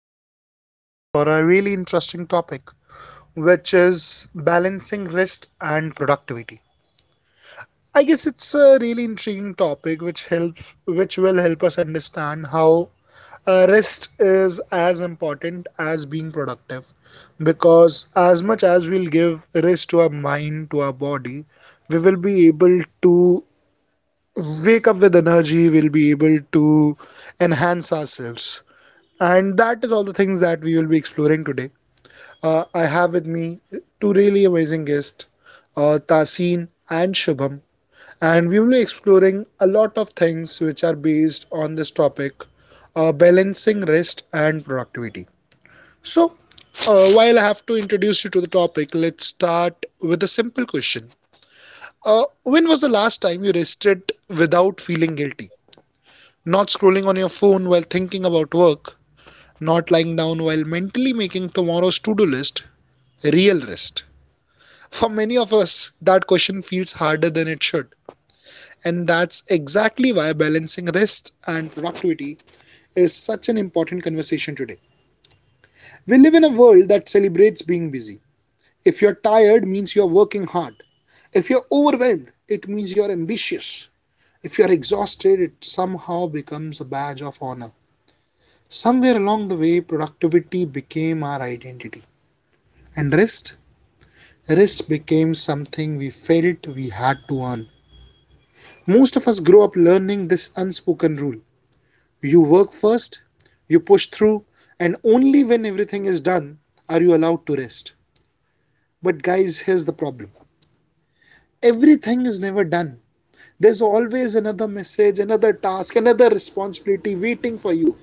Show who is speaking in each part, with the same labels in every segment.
Speaker 1: connected yet again for a really interesting topic which is balancing rest and productivity. I guess it's a really intriguing topic which helps which will help us understand how rest is as important as being productive because as much as we'll give rest to our mind to our body, we will be able to wake up with energy, we'll be able to enhance ourselves. And that is all the things that we will be exploring today. I have with me two really amazing guests, Tasin and Shubham, and we will be exploring a lot of things which are based on this topic, balancing rest and productivity. So, while I have to introduce you to the topic, let's start with a simple question. When was the last time you rested without feeling guilty? Not scrolling on your phone while thinking about work, not lying down while mentally making tomorrow's to do list, real rest? For many of us, that question feels harder than it should. And that's exactly why balancing rest and productivity is such an important conversation today. We live in a world that celebrates being busy. If you're tired, it means you're working hard. If you're overwhelmed, it means you're ambitious. If you're exhausted, it somehow becomes a badge of honor. Somewhere along the way, productivity became our identity, and rest became something we felt we had to earn. Most of us grow up learning this unspoken rule: you work first, you push through, and only when everything is done are you allowed to rest. But, guys, here's the problem: everything is never done. There's always another message, another task, another responsibility waiting for you.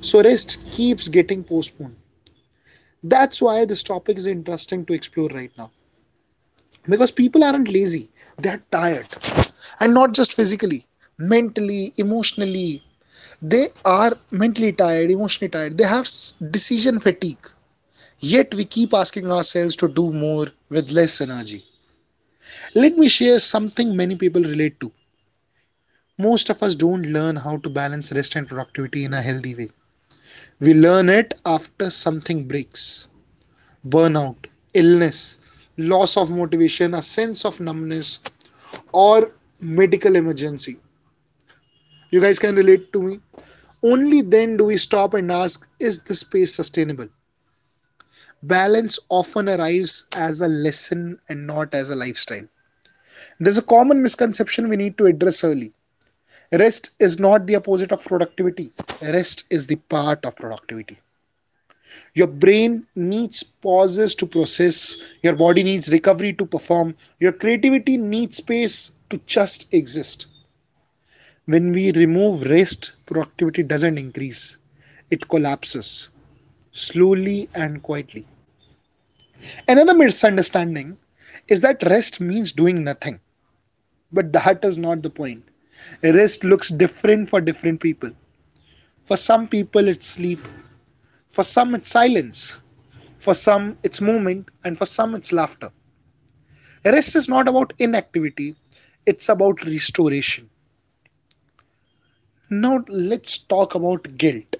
Speaker 1: So, rest keeps getting postponed. That's why this topic is interesting to explore right now, because people aren't lazy, they're tired. And not just physically, mentally, emotionally. They are mentally tired, emotionally tired, they have decision fatigue, yet we keep asking ourselves to do more with less energy. Let me share something many people relate to. Most of us don't learn how to balance rest and productivity in a healthy way, we learn it after something breaks: burnout, illness, loss of motivation, a sense of numbness, or medical emergency. You guys can relate to me. Only then do we stop and ask, is this space sustainable? Balance often arrives as a lesson and not as a lifestyle. There's a common misconception we need to address early. Rest is not the opposite of productivity, rest is the part of productivity. Your brain needs pauses to process, your body needs recovery to perform, your creativity needs space to just exist. When we remove rest, productivity doesn't increase, it collapses slowly and quietly. Another misunderstanding is that rest means doing nothing, but that is not the point. Rest looks different for different people. For some people, it's sleep, for some, it's silence, for some, it's movement, and for some, it's laughter. Rest is not about inactivity, it's about restoration. Now, let's talk about guilt,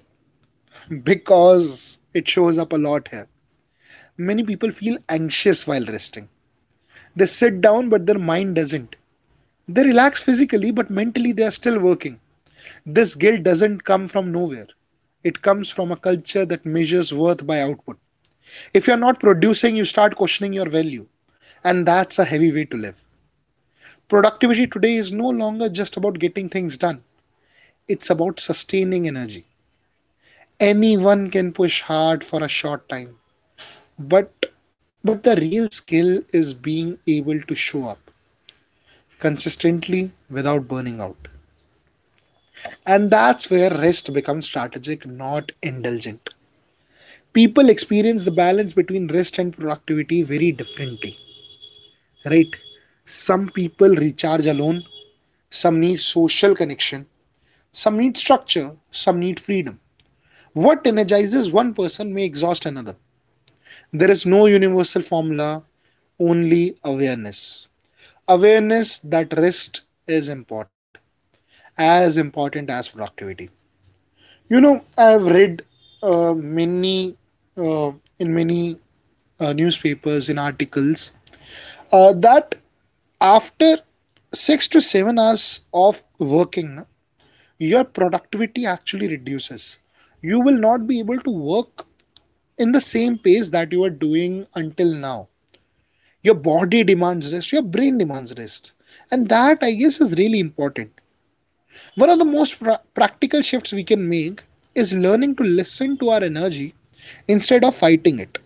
Speaker 1: because it shows up a lot here. Many people feel anxious while resting. They sit down, but their mind doesn't. They relax physically, but mentally they are still working. This guilt doesn't come from nowhere. It comes from a culture that measures worth by output. If you're not producing, you start questioning your value, and that's a heavy way to live. Productivity today is no longer just about getting things done, it's about sustaining energy. Anyone can push hard for a short time, but but the real skill is being able to show up consistently without burning out. And that's where rest becomes strategic, not indulgent. People experience the balance between rest and productivity very differently, right? Some people recharge alone, some need social connection, some need structure, some need freedom. What energizes one person may exhaust another. There is no universal formula, only awareness. Awareness that rest is important, as important as productivity. You know, I have read, uh, many, uh, in many, newspapers, in articles, that after 6 to 7 hours of working, your productivity actually reduces. You will not be able to work in the same pace that you were doing until now. Your body demands rest, your brain demands rest. And that, I guess, is really important. One of the most practical shifts we can make is learning to listen to our energy instead of fighting it.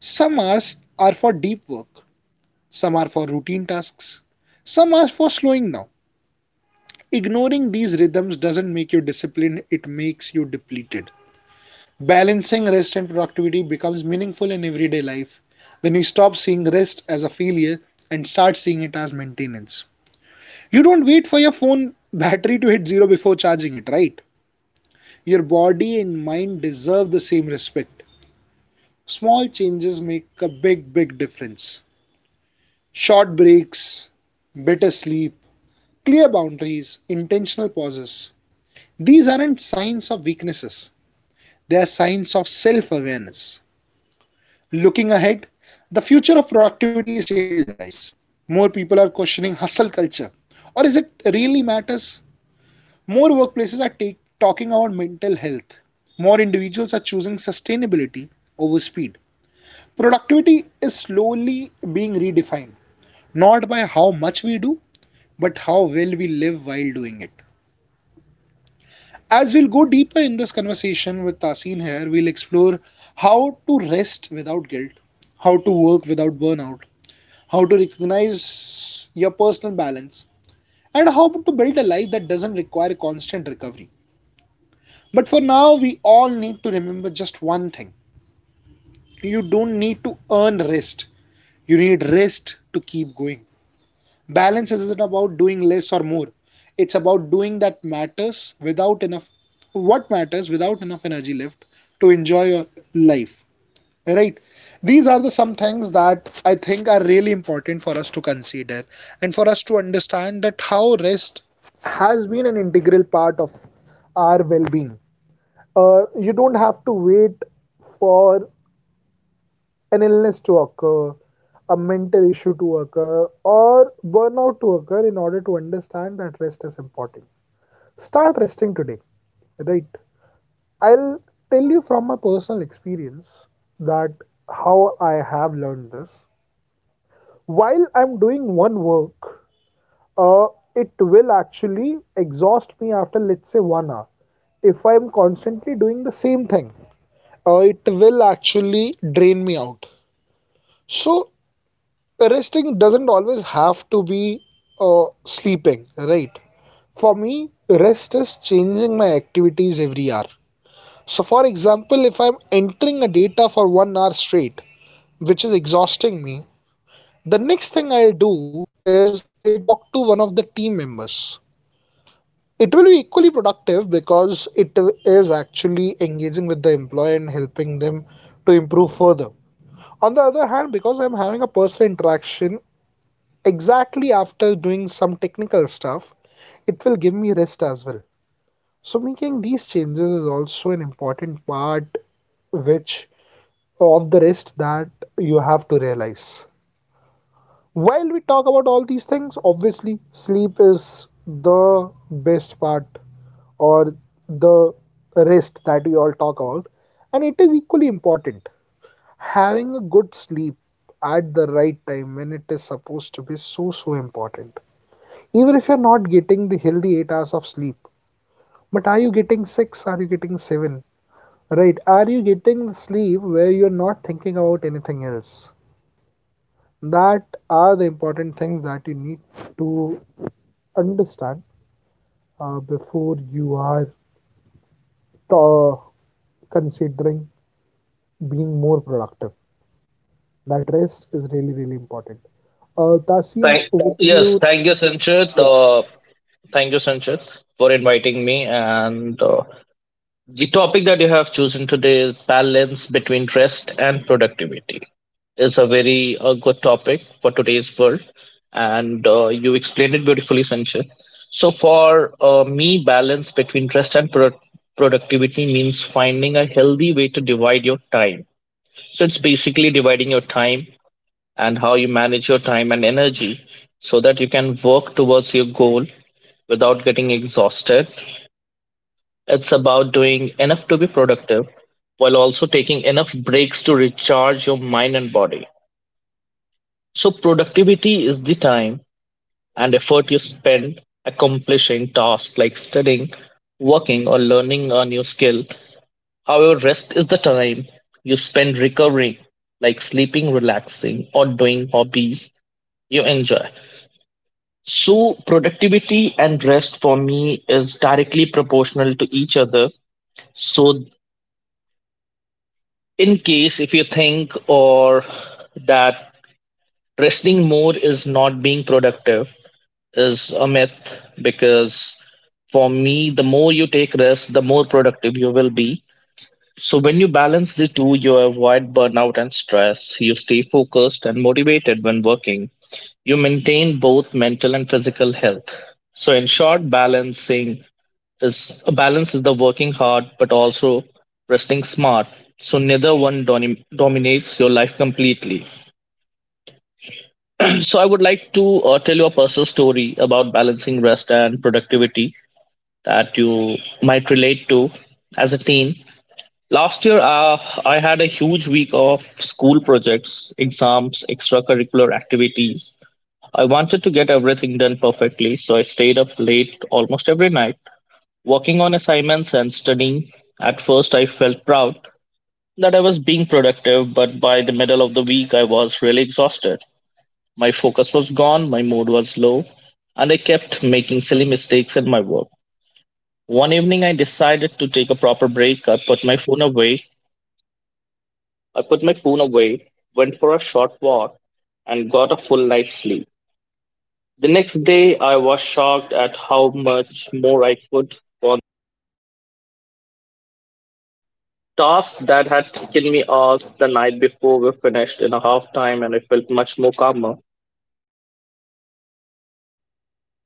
Speaker 1: Some hours are for deep work, some are for routine tasks, some are for slowing down. Ignoring these rhythms doesn't make you disciplined, it makes you depleted. Balancing rest and productivity becomes meaningful in everyday life when you stop seeing rest as a failure and start seeing it as maintenance. You don't wait for your phone battery to hit zero before charging it, right? Your body and mind deserve the same respect. Small changes make a big, big difference. Short breaks, better sleep, clear boundaries, intentional pauses. These aren't signs of weaknesses. They are signs of self awareness. Looking ahead, the future of productivity is changing, guys. More people are questioning hustle culture. Or is it really matters? More workplaces are talking about mental health. More individuals are choosing sustainability over speed. Productivity is slowly being redefined, not by how much we do, but how well we live while doing it. As we'll go deeper in this conversation with Tasin here, we'll explore how to rest without guilt, how to work without burnout, how to recognize your personal balance, and how to build a life that doesn't require constant recovery. But for now, we all need to remember just one thing: you don't need to earn rest, you need rest to keep going. Balance isn't about doing less or more. It's about doing that matters without enough what matters without enough energy left to enjoy your life. Right? These are the some things that I think are really important for us to consider and for us to understand that how rest has been an integral part of our well-being. You don't have to wait for an illness to occur, a mental issue to occur, or burnout to occur in order to understand that rest is important. Start resting today, right? I'll tell you from my personal experience that how I have learned this. While I'm doing one work, uh, it will actually exhaust me after, let's say, 1 hour. If I'm constantly doing the same thing, it will actually drain me out. So resting doesn't always have to be sleeping, right? For me, rest is changing my activities every hour. So, for example, if I'm entering a data for 1 hour straight, which is exhausting me, the next thing I'll do is I'll talk to one of the team members. It will be equally productive because it is actually engaging with the employee and helping them to improve further. On the other hand, because I'm having a personal interaction, exactly after doing some technical stuff, it will give me rest as well. So making these changes is also an important part which of the rest that you have to realize. While we talk about all these things, obviously sleep is the best part or the rest that we all talk about, and it is equally important. Having a good sleep at the right time when it is supposed to be, so so important. Even if you're not getting the healthy 8 hours of sleep, but are you getting 6, are you getting 7, right? Are you getting the sleep where you're not thinking about anything else? That are the important things that you need to understand, before you are, uh, considering being more productive, that rest is really really important. Tasin,
Speaker 2: Thank,
Speaker 1: would you
Speaker 2: yes, thank you,
Speaker 1: like,
Speaker 2: Sanchit.
Speaker 1: yeah.
Speaker 2: Thank you, Sanchit, for inviting me. And the topic that you have chosen today is balance between rest and productivity. Is a very good topic for today's world. And you explained it beautifully, Sanchit. So, for me, balance between rest and productivity means finding a healthy way to divide your time. So, it's basically dividing your time and how you manage your time and energy so that you can work towards your goal without getting exhausted. It's about doing enough to be productive while also taking enough breaks to recharge your mind and body. So, productivity is the time and effort you spend accomplishing tasks like studying, working, or learning a new skill. However, rest is the time you spend recovering, like sleeping, relaxing, or doing hobbies you enjoy. So, productivity and rest for me is directly proportional to each other. So, in case if you think or that resting more is not being productive is a myth, because for me, the more you take rest, the more productive you will be. So, when you balance the two, you avoid burnout and stress. You stay focused and motivated when working. You maintain both mental and physical health. So, in short, balancing is a balance, is the working hard but also resting smart, so neither one dominates your life completely. So I would like to tell you a personal story about balancing rest and productivity that you might relate to. As a teen last year, I had a huge week of school projects, exams, extracurricular activities. I wanted to get everything done perfectly, so I stayed up late almost every night working on assignments and studying. At first, I felt proud that I was being productive, but by the middle of the week, I was really exhausted. My focus was gone, my mood was low, and I kept making silly mistakes in my work. One evening, I decided to take a proper break. I put my phone away. I put my phone away, went for a short walk, and got a full night's sleep. The next day, I was shocked at how much more I could. Tasks that had taken me off the night before were finished in a half time, and I felt much more calmer.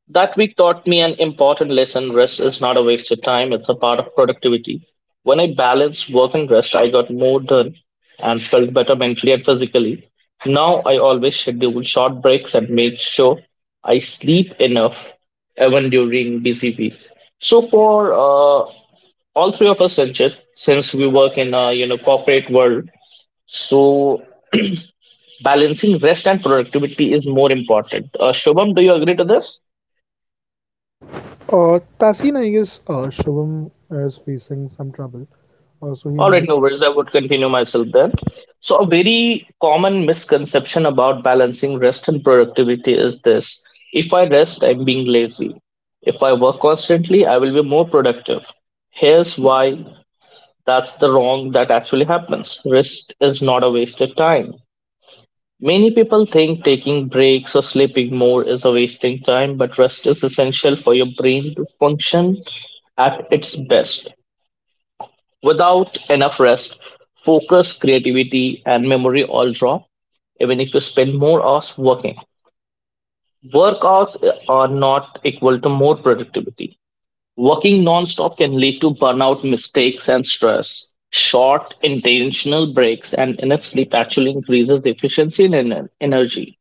Speaker 2: That week taught me an important lesson: rest is not a waste of time, it's a part of productivity. When I balanced work and rest, I got more done and felt better mentally and physically. Now I always schedule short breaks and make sure I sleep enough even during busy weeks. So for all three of us, Sanchit, since we work in a corporate world, so balancing rest and productivity is more important. Shubham, do you agree to this?
Speaker 1: Tasin, I guess Shivam is facing some trouble, so he
Speaker 2: All right,
Speaker 1: might.
Speaker 2: no worries. I would continue myself then. So, a very common misconception about balancing rest and productivity is this: if I rest, I'm being lazy. If I work constantly, I will be more productive. Here's why that's the wrong that actually happens: rest is not a wasted time. Many people think taking breaks or sleeping more is a wasting time, but rest is essential for your brain to function at its best. Without enough rest, focus, creativity, and memory all drop, even if you spend more hours working. Work hours are not equal to more productivity. Working non-stop can lead to burnout, mistakes, and stress. Short, intentional breaks and enough sleep actually increases the efficiency and energy.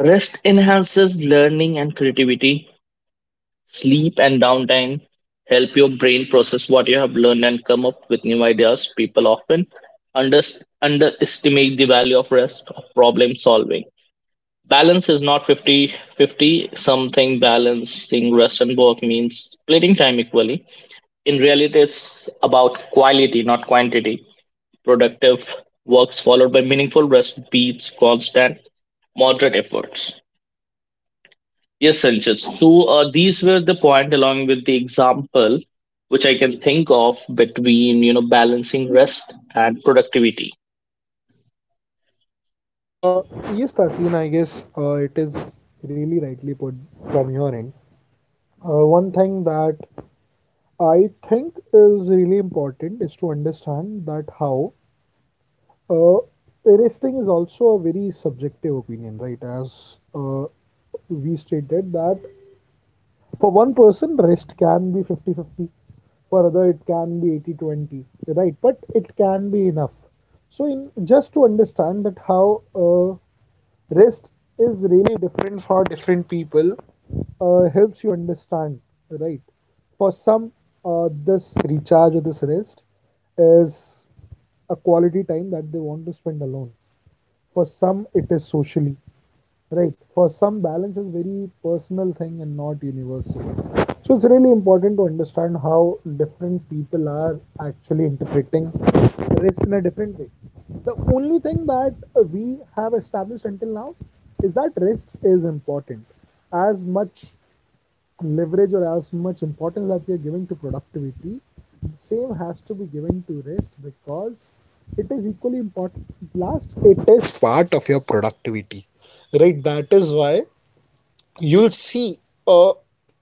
Speaker 2: Rest enhances learning and creativity. Sleep and downtime help your brain process what you have learned and come up with new ideas. People often under, underestimate the value of rest of problem solving. Balance is not 50-50, something balancing rest and work means splitting time equally. In reality, it's about quality, not quantity. Productive works followed by meaningful rest beats constant moderate efforts. Yes, Sanchit. So these were the point along with the example which I can think of between balancing rest and productivity.
Speaker 1: Uh, yes, Tasin, I guess it is really rightly put from your end. One thing that I think is really important is to understand that how uh, arresting is also a very subjective opinion, right? As we stated that for one person, rest can be 50-50, for other it can be 80-20, right? But it can be enough. So in just to understand that how rest is really different for different people, helps you understand, right? For some, this recharge or this rest is a quality time that they want to spend alone, for some it is socially. Right. For some, balance is very personal thing and not universal. So it's really important to understand how different people are actually interpreting rest in a different way. The only thing that we have established until now is that rest is important. As much leverage or as much importance that we are giving to productivity, the same has to be given to rest because it is equally important. Last, it is part of your productivity, right? That is why you'll see, uh,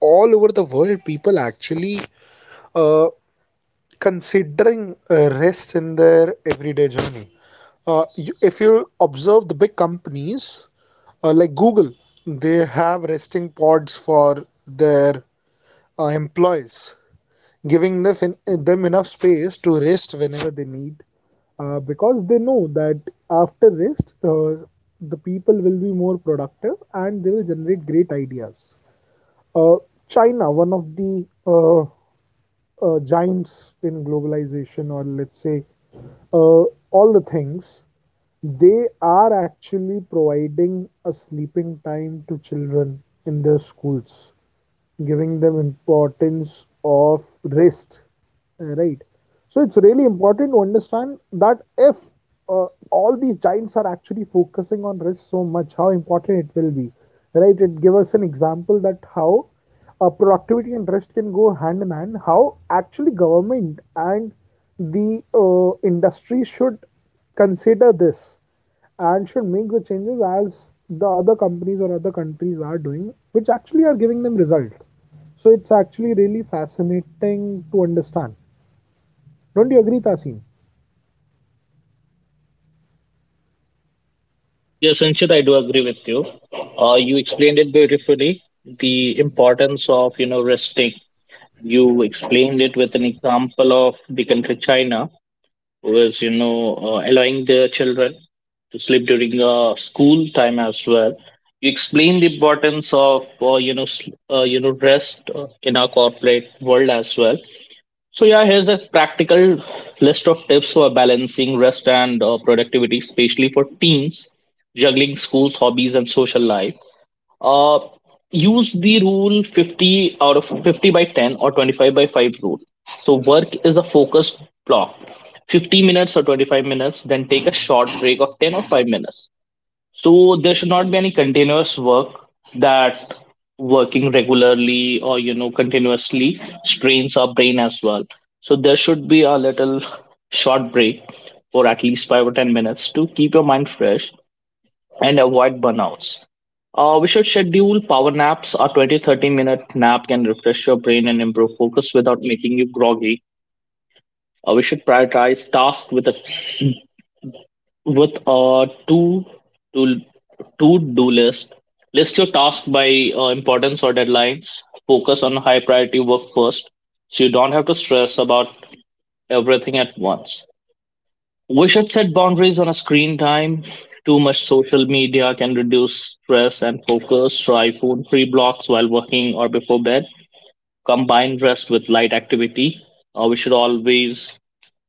Speaker 1: all over the world people actually uh, considering rest in their everyday journey. If you observe the big companies, like Google, they have resting pods for their employees, giving them enough space to rest whenever they need, because they know that after rest, the people will be more productive and they will generate great ideas. uh, China, one of the giants in globalization, or let's say uh, all the things, they are actually providing a sleeping time to children in their schools, giving them importance of rest, right? So it's really important to understand that if all these giants are actually focusing on rest so much, how important it will be, right? It give us an example that how productivity and rest can go hand in hand, how actually government and the industry should consider this and should make the changes as the other companies or other countries are doing, which actually are giving them result. So it's actually really fascinating to understand. Don't you agree, Tasin?
Speaker 2: Yes, Sanchit, I do agree with you. You explained it beautifully. The importance of resting. You explained it with an example of the country China, was allowing their children to sleep during school time as well. You explain the importance of rest in our corporate world as well. So yeah, here's a practical list of tips for balancing rest and productivity, especially for teens juggling schools, hobbies and social life. uh, Use the rule 50 out of 50 by 10 or 25 by 5 rule. So work is a focused block. 50 minutes or 25 minutes, then take a short break of 10 or 5 minutes. So there should not be any continuous work, that working regularly or continuously strains our brain as well. So there should be a little short break for at least 5 or 10 minutes to keep your mind fresh and avoid burnouts. We should schedule power naps. A 30 minute nap can refresh your brain and improve focus without making you groggy. We should prioritize tasks with a two to to do list. List your tasks by importance or deadlines. Focus on high priority work first, so you don't have to stress about everything at once. We should set boundaries on a screen time. Too much social media can reduce stress and focus. Try phone free blocks while working or before bed. Combine rest with light activity. We should always,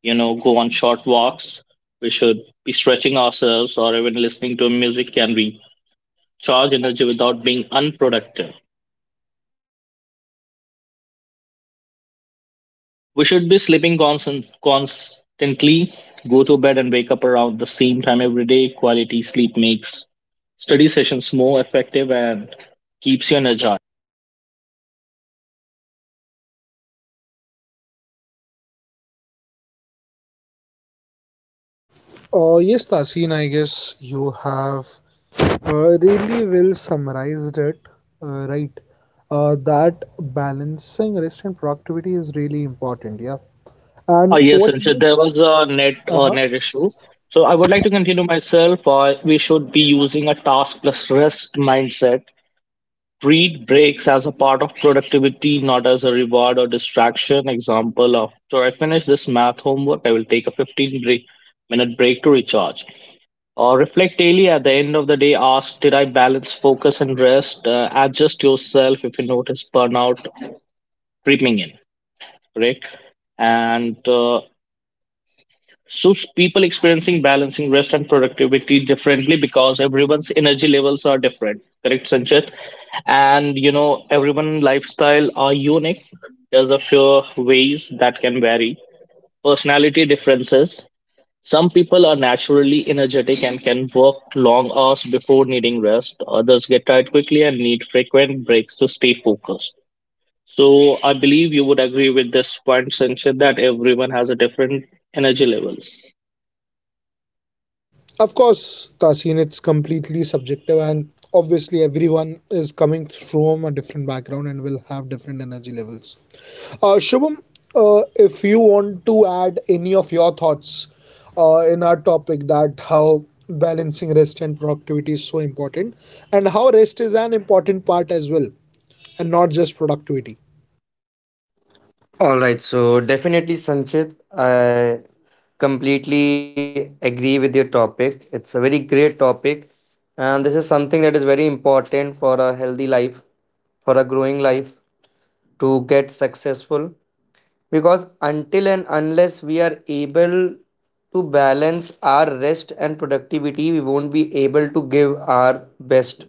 Speaker 2: go on short walks. We should be stretching ourselves, or even listening to music can recharge energy without being unproductive. We should be sleeping constantly, go to bed and wake up around the same time every day. Quality sleep makes study sessions more effective and keeps you energized.
Speaker 1: Yes, Tasin, I guess you have really well summarized it, right? That balancing rest and productivity is really important, yeah.
Speaker 2: Oh,
Speaker 1: And
Speaker 2: yes,
Speaker 1: what
Speaker 2: Sanchit, there
Speaker 1: makes.
Speaker 2: was a
Speaker 1: Uh huh.
Speaker 2: net issue. So I would like to continue myself. We should be using a task plus rest mindset. Treat breaks as a part of productivity, not as a reward or distraction. Example of, so I finish this math homework, I will take a 15 minute break to recharge. Reflect daily at the end of the day. Ask, did I balance focus and rest? Adjust yourself if you notice burnout creeping in, right? And so people experiencing balancing rest and productivity differently because everyone's energy levels are different, correct, Sanchit? And everyone lifestyle are unique. There's a few ways that can vary. Personality differences. Some people are naturally energetic and can work long hours before needing rest. Others get tired quickly and need frequent breaks to stay focused. So I believe you would agree with this point, Sanchit, that everyone has a different energy levels.
Speaker 1: Of course, Tasin, it's completely subjective, and obviously, everyone is coming from a different background and will have different energy levels. Shubham, if you want to add any of your thoughts in our topic, that how balancing rest and productivity is so important, and how rest is an important part as well, and not just productivity.
Speaker 3: All right, so definitely, Sanchit, I completely agree with your topic. It's a very great topic, and this is something that is very important for a healthy life, for a growing life to get successful. Because until and unless we are able to balance our rest and productivity, we won't be able to give our best.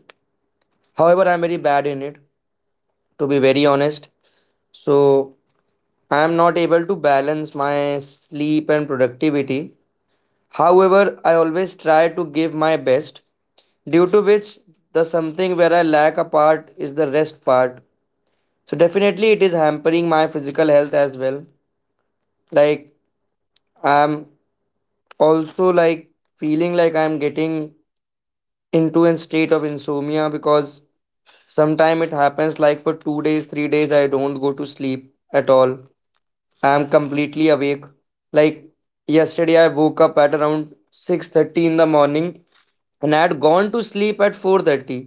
Speaker 3: However, I'm very bad in it, to be very honest. So, I am not able to balance my sleep and productivity. However, I always try to give my best, due to which the something where I lack a part is the rest part. So definitely it is hampering my physical health as well. Like I'm also like feeling like I'm getting into a state of insomnia because sometime it happens like for 2 days, 3 days I don't go to sleep at all. I'm completely awake. Like yesterday I woke up at around 6:30 in the morning and I had gone to sleep at 4:30.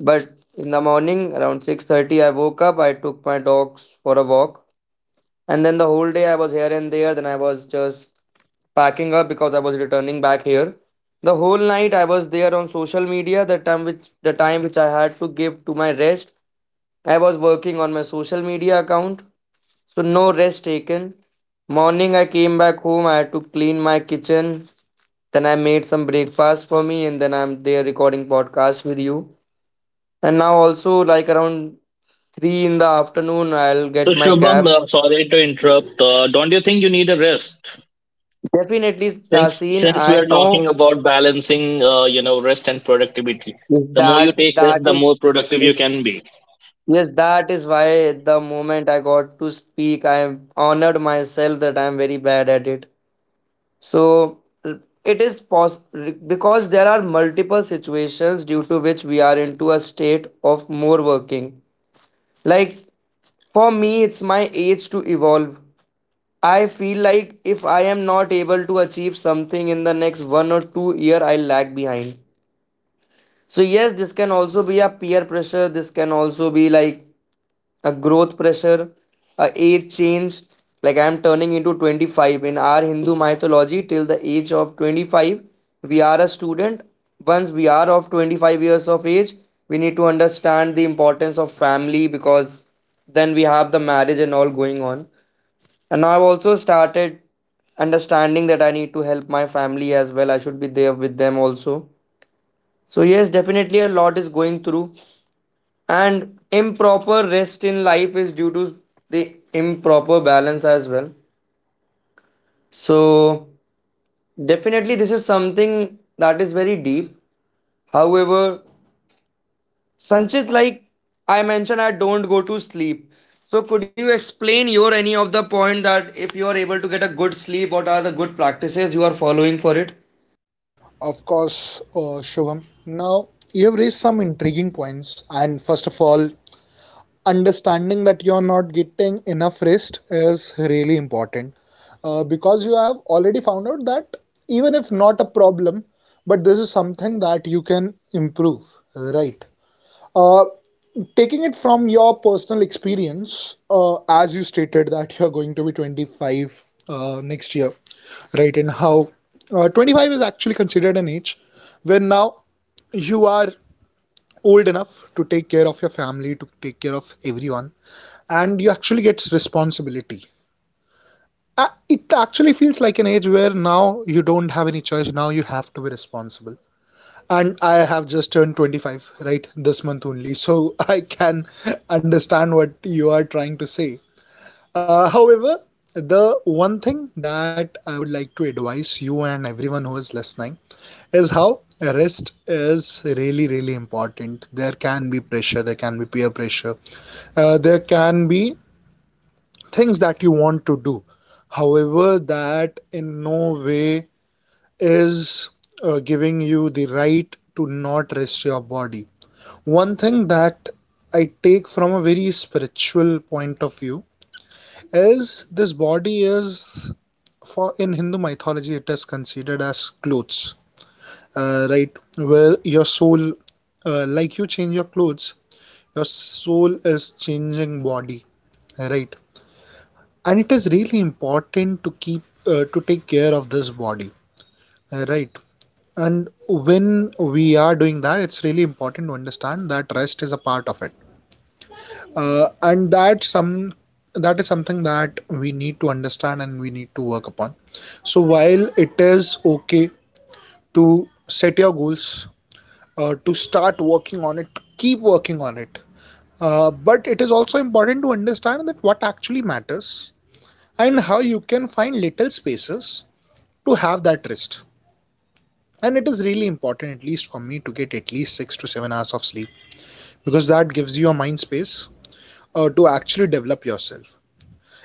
Speaker 3: But in the morning around 6:30 I woke up, I took my dogs for a walk, and then the whole day I was here and there, then I was just packing up because I was returning back here. The whole night I was there on social media, the time which I had to give to my rest I was working on my social media account, so no rest taken. Morning I came back home, I had to clean my kitchen, then I made some breakfast for me, and then I'm there recording podcast with you. And now also like around 3 in the afternoon I'll
Speaker 2: So
Speaker 3: get my
Speaker 2: Shubham,
Speaker 3: cab.
Speaker 2: sorry to interrupt. Don't you think you need a rest?
Speaker 3: Definitely,
Speaker 2: Since
Speaker 3: Tasin,
Speaker 2: since we
Speaker 3: I
Speaker 2: are talking
Speaker 3: know.
Speaker 2: about balancing, rest and productivity. The more you
Speaker 3: that
Speaker 2: take
Speaker 3: that
Speaker 2: rest, the
Speaker 3: is
Speaker 2: more productive you
Speaker 3: is-
Speaker 2: can be.
Speaker 3: yes that is why the moment I got to speak I am honored myself that I am very bad at it. So, it is pos- because there are multiple situations due to which we are into a state of more working. Like for me, it's my age to evolve. I feel like if I am not able to achieve something in the next 1 or 2 year, I lag behind. So yes, this can also be a peer pressure. This can also be like a growth pressure, a age change. Like I am turning into 25 in our Hindu mythology. Till the age of 25, we are a student. Once we are of 25 years of age, we need to understand the importance of family, because then we have the marriage and all going on. And now I've also started understanding that I need to help my family as well. I should be there with them also. So, yes, definitely a lot is going through, and improper rest in life is due to the improper balance as well. So definitely this is something that is very deep. However, Sanchit, like I mentioned, I don't go to sleep. So could you explain your any of the point, that if you are able to get a good sleep, what are the good practices you are following for it?
Speaker 1: Of course, Shubham. Now, you have raised some intriguing points, and first of all, understanding that you're not getting enough rest is really important, because you have already found out that, even if not a problem, but this is something that you can improve, right? Uh, taking it from your personal experience, as you stated that you're going to be 25 next year, right? And how 25 is actually considered an age where now you are old enough to take care of your family, to take care of everyone, and you actually get responsibility. It actually feels like an age where now you don't have any choice, now you have to be responsible. And I have just turned 25 right this month only, so I can understand what you are trying to say. However, the one thing that I would like to advise you and everyone who is listening is how rest is really, really important. There can be pressure, there can be peer pressure, there can be things that you want to do. However, that in no way is giving you the right to not rest your body. One thing that I take from a very spiritual point of view is, this body is, for in Hindu mythology it is considered as clothes, right? Where your soul, like you change your clothes, your soul is changing body, right? And it is really important to keep, to take care of this body, right? And when we are doing that, it's really important to understand that rest is a part of it, and that some that is something that we need to understand and we need to work upon. So while it is okay to set your goals, to start working on it, keep working on it, but it is also important to understand that what actually matters, and how you can find little spaces to have that rest. And it is really important, at least for me, to get at least 6 to 7 hours of sleep, because that gives you a mind space to actually develop yourself.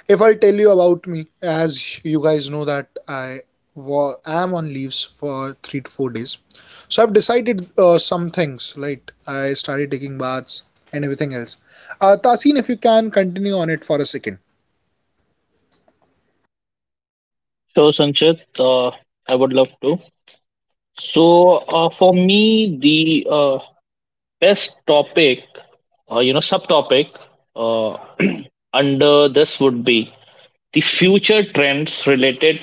Speaker 1: If I tell you about me, as you guys know that I am on leaves for 3 to 4 days, so I've decided some things, right? I started taking baths and everything else. Tasin, if you can continue on it for a second.
Speaker 2: So Sanchit, I would love to. So for me, the best topic, subtopic uh, under this would be the future trends related,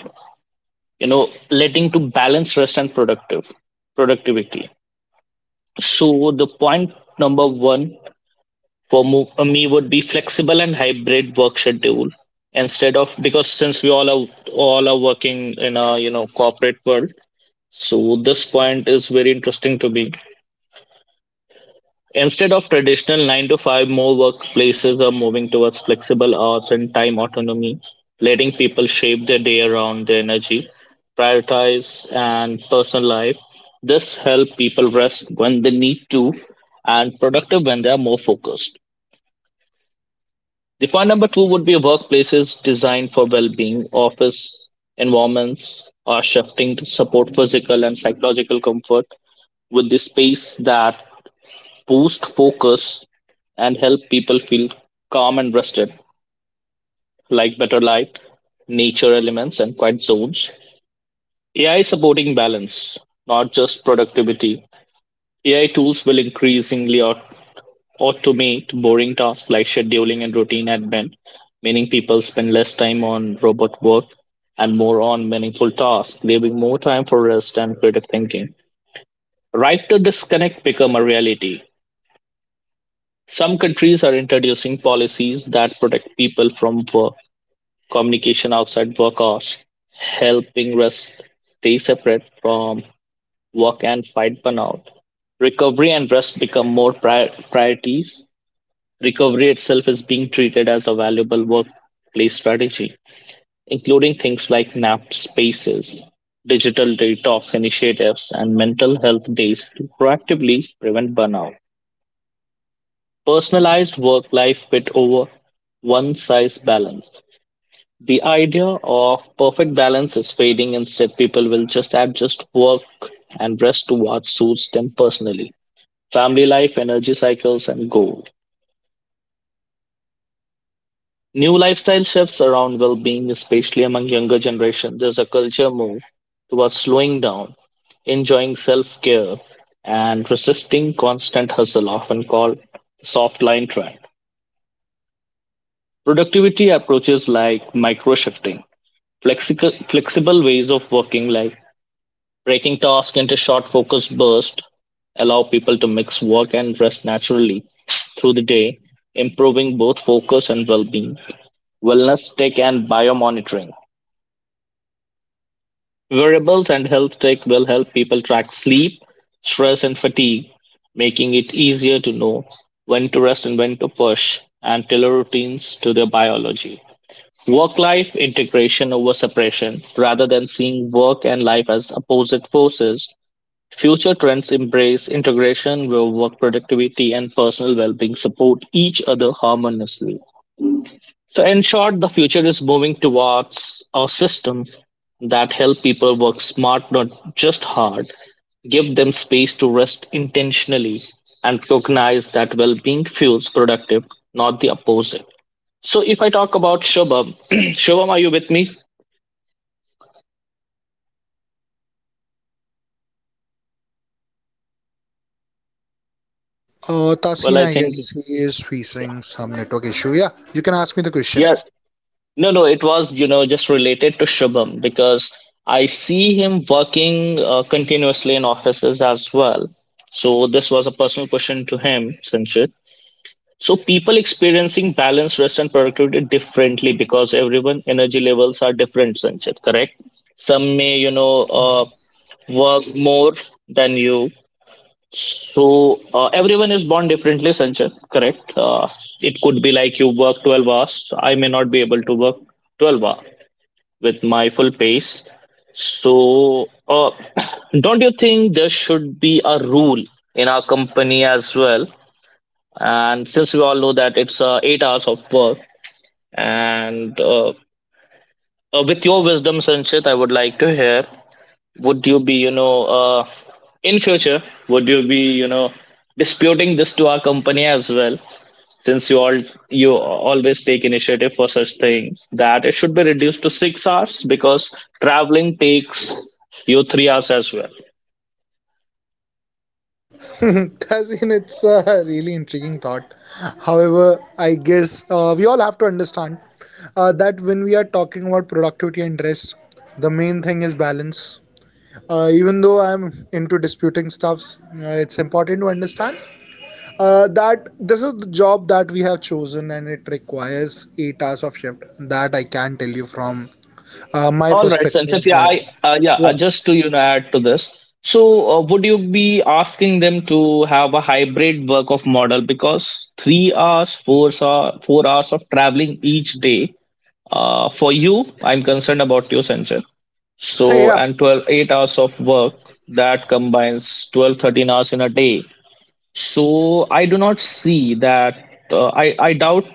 Speaker 2: leading to balance rest and productive productivity. So the point number one for me would be flexible and hybrid work schedule, instead of, because since we all are working in a corporate world, so this point is very interesting to me. Instead of traditional 9 to 5, more workplaces are moving towards flexible hours and time autonomy, letting people shape their day around their energy, prioritize, and personal life. This helps people rest when they need to and productive when they are more focused. The point number two would be workplaces designed for well being. Office environments are shifting to support physical and psychological comfort, with the space that boost focus, and help people feel calm and rested, like better light, nature elements, and quiet zones. AI is supporting balance, not just productivity. AI tools will increasingly automate boring tasks like scheduling and routine admin, meaning people spend less time on robot work and more on meaningful tasks, leaving more time for rest and creative thinking. Right to disconnect become a reality. Some countries are introducing policies that protect people from work, communication outside work hours, helping rest stay separate from work and fight burnout. Recovery and rest become more priorities. Recovery itself is being treated as a valuable workplace strategy, including things like nap spaces, digital detox initiatives, and mental health days to proactively prevent burnout. Personalized work life fit over one size balance. The idea of perfect balance is fading. Instead, people will just adjust work and rest to what suits them personally, family life, energy cycles, and goals. New lifestyle shifts around well being, especially among younger generation. There's a culture move towards slowing down, enjoying self care, and resisting constant hustle, often called soft line trend. Productivity approaches like microshifting, flexible ways of working like breaking tasks into short focused bursts, allow people to mix work and rest naturally through the day, improving both focus and well-being. Wellness tech and biomonitoring. Wearables and health tech will help people track sleep, stress and fatigue, making it easier to know when to rest and when to push and tailor routines to their biology. Work life integration over separation, rather than seeing work and life as opposite forces, future trends embrace integration where work productivity and personal well being support each other harmoniously. So, in short, the future is moving towards a system that help people work smart, not just hard, give them space to rest intentionally, and recognize that well being fuels productive, not the opposite. So, if I talk about Shubham, Shubham, are you with me? Well,
Speaker 1: Tasin,
Speaker 2: I
Speaker 1: I
Speaker 2: think
Speaker 1: guess he is facing some network issue. Yeah, you can ask me the question.
Speaker 2: yes. No, no, it was just related to Shubham because I see him working continuously in offices as well. So this was a personal question to him, Sanchit. So people experiencing balance, rest, and productivity differently because everyone energy levels are different, Sanchit. Correct? Some may work more than you. So everyone is born differently, Sanchit. Correct. It could be like you work 12 hours. I may not be able to work 12 hours with my full pace. So don't you think there should be a rule in our company as well? And since we all know that it's 8 hours of work, and with your wisdom, Sanchit, I would like to hear, would you be in future, would you be disputing this to our company as well, since you all you always take initiative for such things, that it should be reduced to 6 hours because traveling takes you 3 hours as well.
Speaker 1: That's in it's a really intriguing thought. However, I guess we all have to understand that when we are talking about productivity and rest, the main thing is balance. Even though I'm into disputing stuffs, it's important to understand that this is the job that we have chosen and it requires 8 hours of shift. That I can tell you from my
Speaker 2: All right, Sanchit.
Speaker 1: perspective.
Speaker 2: Yeah
Speaker 1: By
Speaker 2: I yeah
Speaker 1: yeah,
Speaker 2: Just to add to this, so would you be asking them to have a hybrid work of model, because 3 hours, 4 hours, 4 hours of traveling each day. For you, I'm concerned about your censure. So,
Speaker 1: yeah.
Speaker 2: and 12 8 hours of work, that combines 12 13 hours in a day. So, I do not see that, I doubt,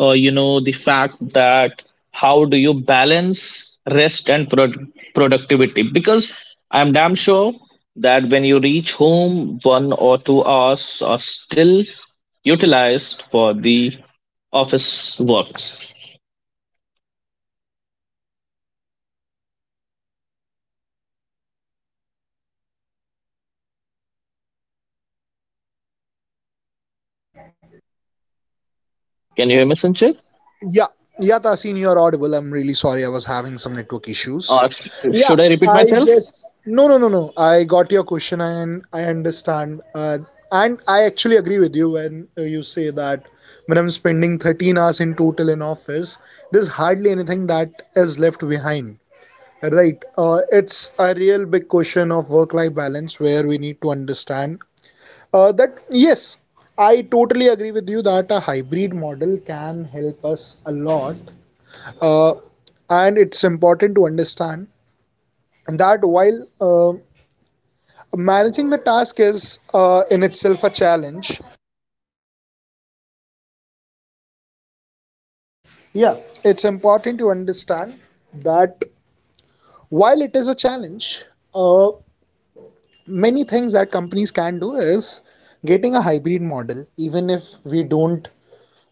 Speaker 2: the fact that how do you balance rest and productivity? Because I'm damn sure that when you reach home, 1 or 2 hours are still utilized for the
Speaker 1: Yes, Tasin,
Speaker 2: office works.
Speaker 1: I completely agree with you, and I think uh, work-life balance has been hard with this job.
Speaker 2: Can you hear me, Sanchit?
Speaker 1: Yeah, yeah, Tasin, you're audible. I'm really sorry, I was having some network issues. Yeah,
Speaker 2: Should I repeat
Speaker 1: I
Speaker 2: myself?
Speaker 1: guess no, no, no, no. I got your question, and I understand, and I actually agree with you when you say that when I'm spending 13 hours in total in office, there's hardly anything that is left behind. Right. It's a real big question of work life balance, where we need to understand that, yes, I totally agree with you that a hybrid model can help us a lot. Uh, and it's important to understand that while managing the task is in itself a challenge, yeah, it's important to understand that while it is a challenge, uh, many things that companies can do is getting a hybrid model, even if we don't,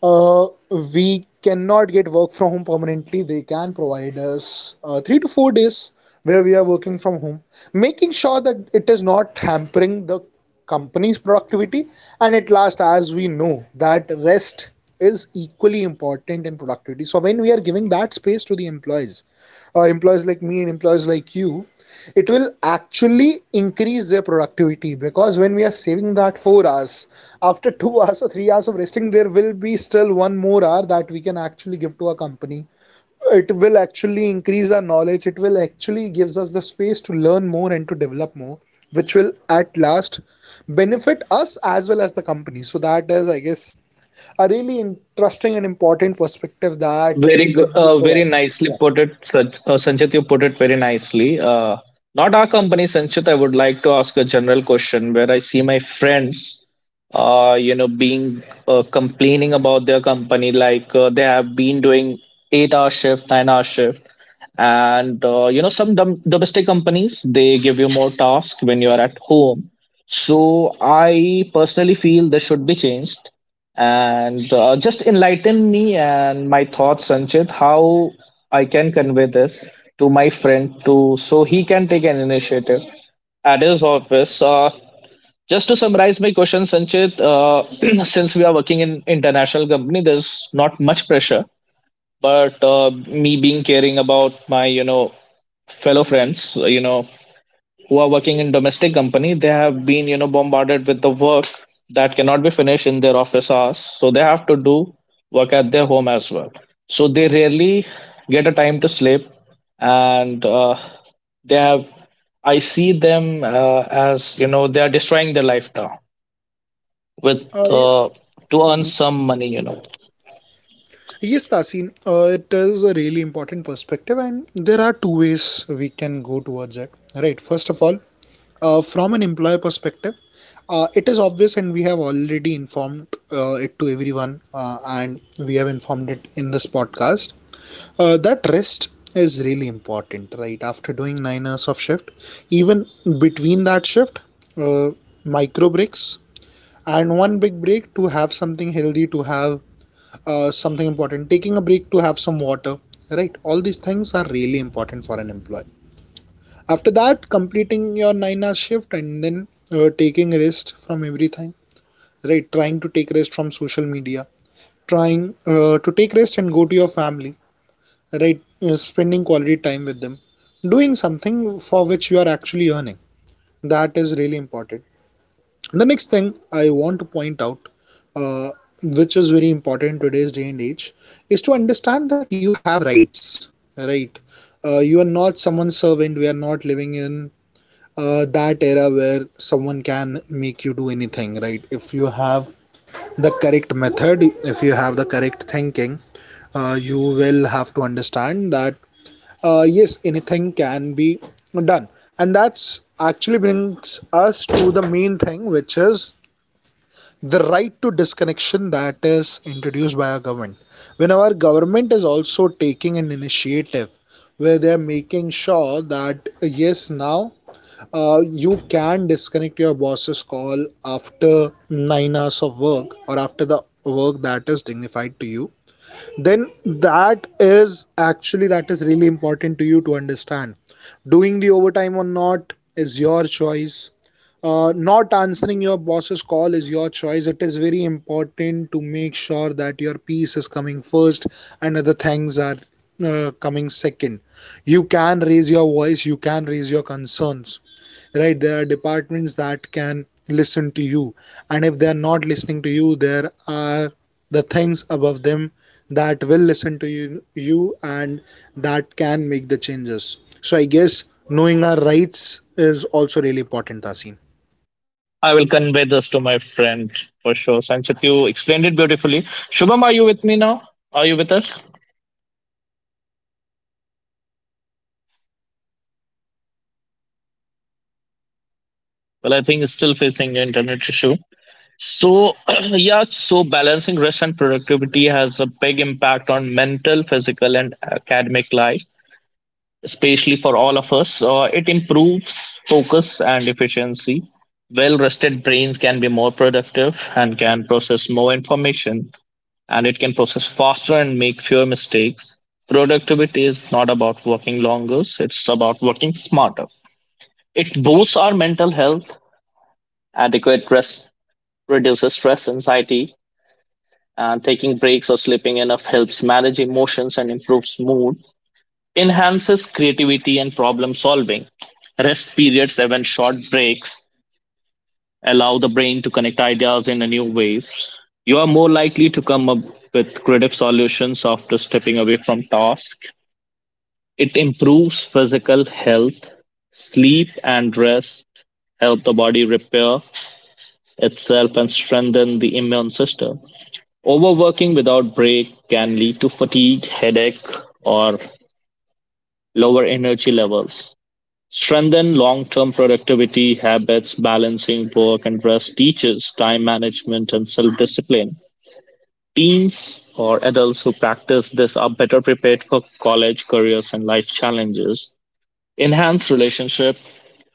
Speaker 1: uh, we cannot get work from home permanently, they can provide us 3 to 4 days where we are working from home, making sure that it is not hampering the company's productivity. And at last, as we know that rest is equally important in productivity, so when we are giving that space to the employees, employees like me and employees like you, it will actually increase their productivity. Because when we are saving that 4 hours, after two hours or 3 hours of resting, there will be still one more hour that we can actually give to our company. It will actually increase our knowledge, it will actually gives us the space to learn more and to develop more, which will at last benefit us as well as the company. So that is, I guess, a really interesting and important perspective that
Speaker 2: Very,
Speaker 1: you
Speaker 2: very
Speaker 1: provided.
Speaker 2: nicely
Speaker 1: Yeah.
Speaker 2: put it, Sanchit. You put it very nicely. Not our company, Sanchit. I would like to ask a general question where I see my friends, being complaining about their company, like they have been doing eight-hour shift, nine-hour shift, and some domestic companies they give you more tasks when you are at home. So I personally feel this should be changed. And just enlighten me and my thoughts, Sanchit, how I can convey this to my friend to so he can take an initiative at his office. Just to summarize my question, Sanchit, since we are working in international company, there's not much pressure. But me being caring about my, fellow friends, who are working in domestic company, they have been bombarded with the work that cannot be finished in their office hours, so they have to do work at their home as well, so they rarely get a time to sleep, and they have, I see them as they are destroying their life now with,
Speaker 1: I,
Speaker 2: uh, to earn some money.
Speaker 1: Yes, Tasin, it is a really important perspective, and there are two ways we can go towards it. Right, first of all, from an employer perspective, it is obvious, and we have already informed it to everyone, and we have informed it in this podcast, that rest is really important. Right, after doing 9 hours of shift, even between that shift, uh, micro breaks and one big break to have something healthy to have something important, taking a break to have some water, right? All these things are really important for an employee. After that, completing your 9-hour shift, and then taking rest from everything, right? Trying to take rest from social media, trying to take rest and go to your family, right? Spending quality time with them, doing something for which you are actually earning, that is really important. The next thing I want to point out, uh, which is very important today's day and age, is to understand that you have rights, right? You are not someone's servant. We are not living in that era where someone can make you do anything, right? If you have the correct method, if you have the correct thinking, you will have to understand that yes, anything can be done. And that's actually brings us to the main thing, which is the right to disconnection that is introduced by our government. When our government is also taking an initiative where they are making sure that, yes, now you can disconnect your boss's call after 9 hours of work or after the work that is dignified to you, then that is actually, that is really important to you to understand. Doing the overtime or not is your choice, not answering your boss's call is your choice. It is very important to make sure that your peace is coming first and other things are coming second. You can raise your voice, you can raise your concerns, right? There are departments that can listen to you, and if they are not listening to you, there are the things above them that will listen to you, you, and that can make the changes. So, I guess knowing our rights is also really important, Tasin.
Speaker 2: I will convey this to my friend for sure, Sanchit. You explained it beautifully. Shubham, are you with me now? Are you with us? Well, I think it's still facing the internet issue. So, yeah, so balancing rest and productivity has a big impact on mental, physical, and academic life, especially for all of us. It improves focus and efficiency. Well rested brains can be more productive and can process more information, and it can process faster and make fewer mistakes. Productivity is not about working longer, it's about working smarter. It boosts our mental health. Adequate rest reduces stress, anxiety, and taking breaks or sleeping enough helps manage emotions and improves mood, enhances creativity and problem solving. Rest periods, even short breaks, allow the brain to connect ideas in a new ways. You are more likely to come up with creative solutions after stepping away from tasks. It improves physical health. Sleep and rest help the body repair itself and strengthen the immune system. Overworking without break can lead to fatigue, headache, or lower energy levels. Strengthen long term productivity habits, balancing work and rest teaches time management and self discipline. Teens or adults who practice this are better prepared for college, careers, and life challenges. Enhance relationship,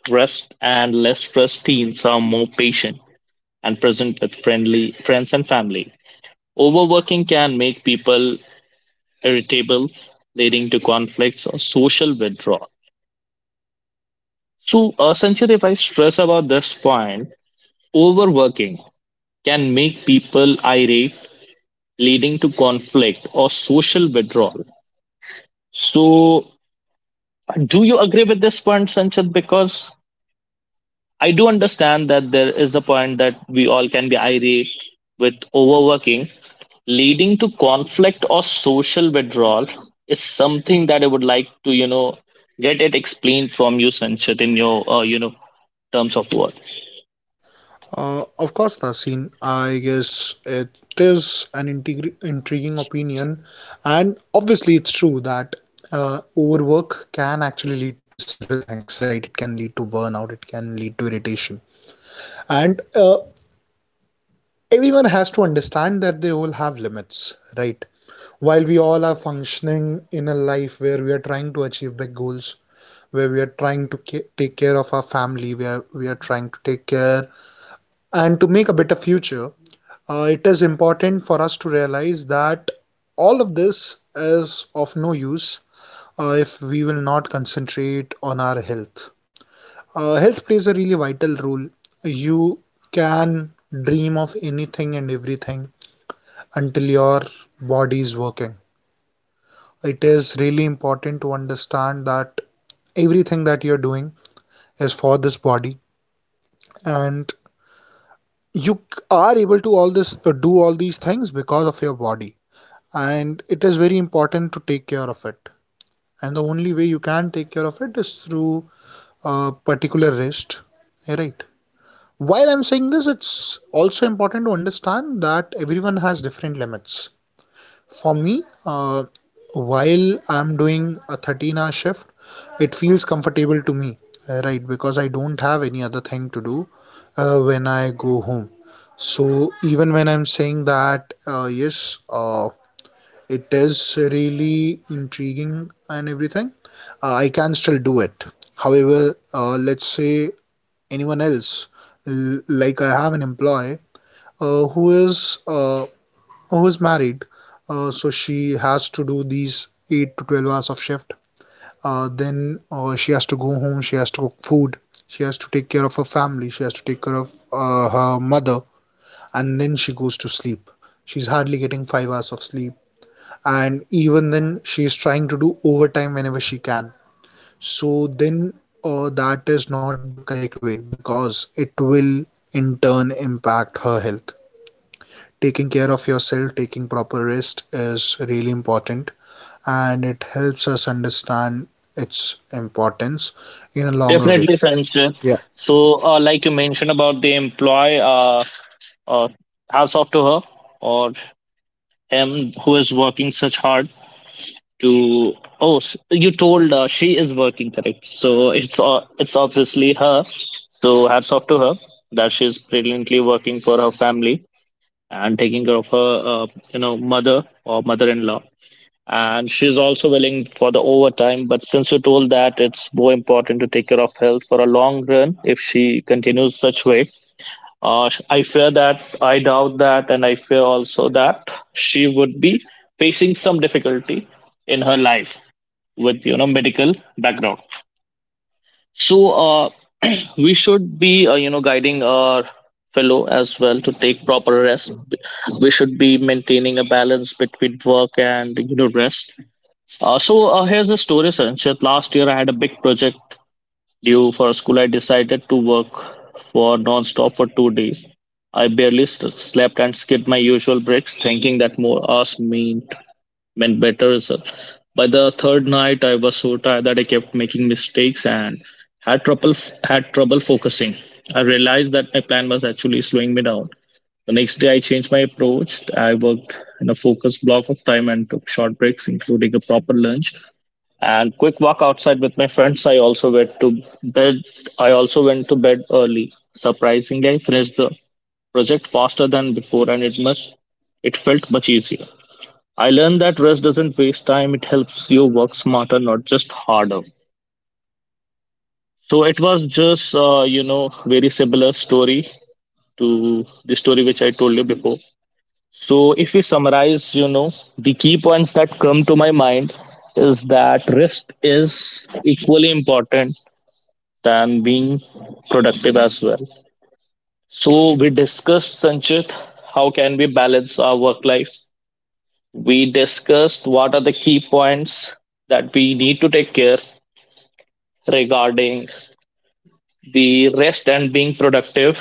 Speaker 2: rest, and less stressed teens are more patient and present with friendly friends and family. Overworking can make people irritable, leading to conflicts or social withdrawal. So, Sanchit, if I stress about this point, overworking can make people irate, leading to conflict or social withdrawal. So, do you agree with this point, Sanchit? Because I do understand that there is a point that we all can be irate with overworking, leading to conflict or social withdrawal is something that I would like to, get it explained from you, Sanchit, in your, terms of work.
Speaker 1: Of course, Nasin, I guess it is an intriguing opinion, and obviously, it's true that overwork can actually lead to several things, right? It can lead to burnout, it can lead to irritation, and everyone has to understand that they all have limits, right? While we all are functioning in a life where we are trying to achieve big goals, where we are trying to take care of our family, where we are trying to take care and to make a better future, it is important for us to realize that all of this is of no use if we will not concentrate on our health. Health plays a really vital role. You can dream of anything and everything until your body is working. It is really important to understand that everything that you're doing is for this body, and you are able to all this do all these things because of your body, and it is very important to take care of it. And the only way you can take care of it is through a particular rest, right? While I'm saying this, it's also important to understand that everyone has different limits. For me, while I'm doing a 13-hour shift, it feels comfortable to me, right, because I don't have any other thing to do when I go home. So even when I'm saying that, yes, it is really intriguing and everything. I can still do it. However, let's say anyone else, like I have an employee uh, who is uh, who is married, so she has to do these eight to 12 hours of shift. Then She has to go home. She has to cook food. She has to take care of her family. She has to take care of her mother, and then she goes to sleep. She's hardly getting 5 hours of sleep, and even then she is trying to do overtime whenever she can. So then, that is not the correct way, because it will in turn impact her health. Taking care of yourself, taking proper rest is really important, and it helps us understand its importance in a longer way.
Speaker 2: Definitely, Sanchit.
Speaker 1: Yeah.
Speaker 2: So, like you mentioned about the employee, uh, hats off to her or him who is working such hard to, you told she is working correct, so it's obviously her, so hats off to her, that she is brilliantly working for her family and taking care of her mother or mother-in-law, and she's also willing for the overtime, but since you told that it's more important to take care of health for a long run, if she continues such way, I fear that, I doubt that, and I fear also that she would be facing some difficulty in her life with medical background. So we should be guiding our fellow as well to take proper rest. We should be maintaining a balance between work and rest. So here's the story, Sanchit. Last year I had a big project due for school, I decided to work for non-stop for 2 days. I barely slept and skipped my usual breaks, thinking that more hours meant better results. By the third night, I was so tired that I kept making mistakes and had trouble focusing. I realized that my plan was actually slowing me down. The next day, I changed my approach. I worked in a focused block of time and took short breaks, including a proper lunch and quick walk outside with my friends. I also went to bed early. Surprisingly, I finished the project faster than before, and it felt much easier. I learned that rest doesn't waste time, it helps you work smarter, not just harder. So it was just very similar story to the story which I told you before. So if we summarize, the key points that come to my mind is that rest is equally important than being productive as well. So we discussed, Sanchit, how can we balance our work life? We discussed what are the key points that we need to take care regarding the rest and being productive.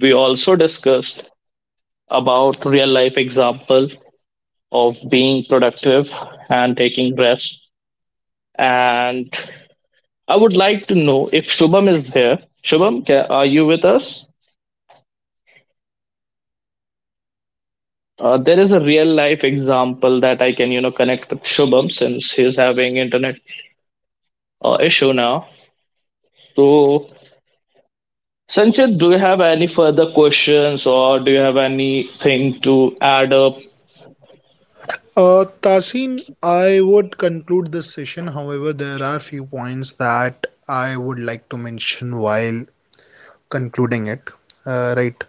Speaker 2: We also discussed about real life example of being productive and taking rest. And I would like to know if Shubham is here. Shubham, are you with us? There is a real life example that I can, connect with Shubham since he's having internet issue now. So, Sanchit, do you have any further questions or do you have anything to add up?
Speaker 1: Tasin, I would conclude this session, however there are few points that I would like to mention while concluding it. Right.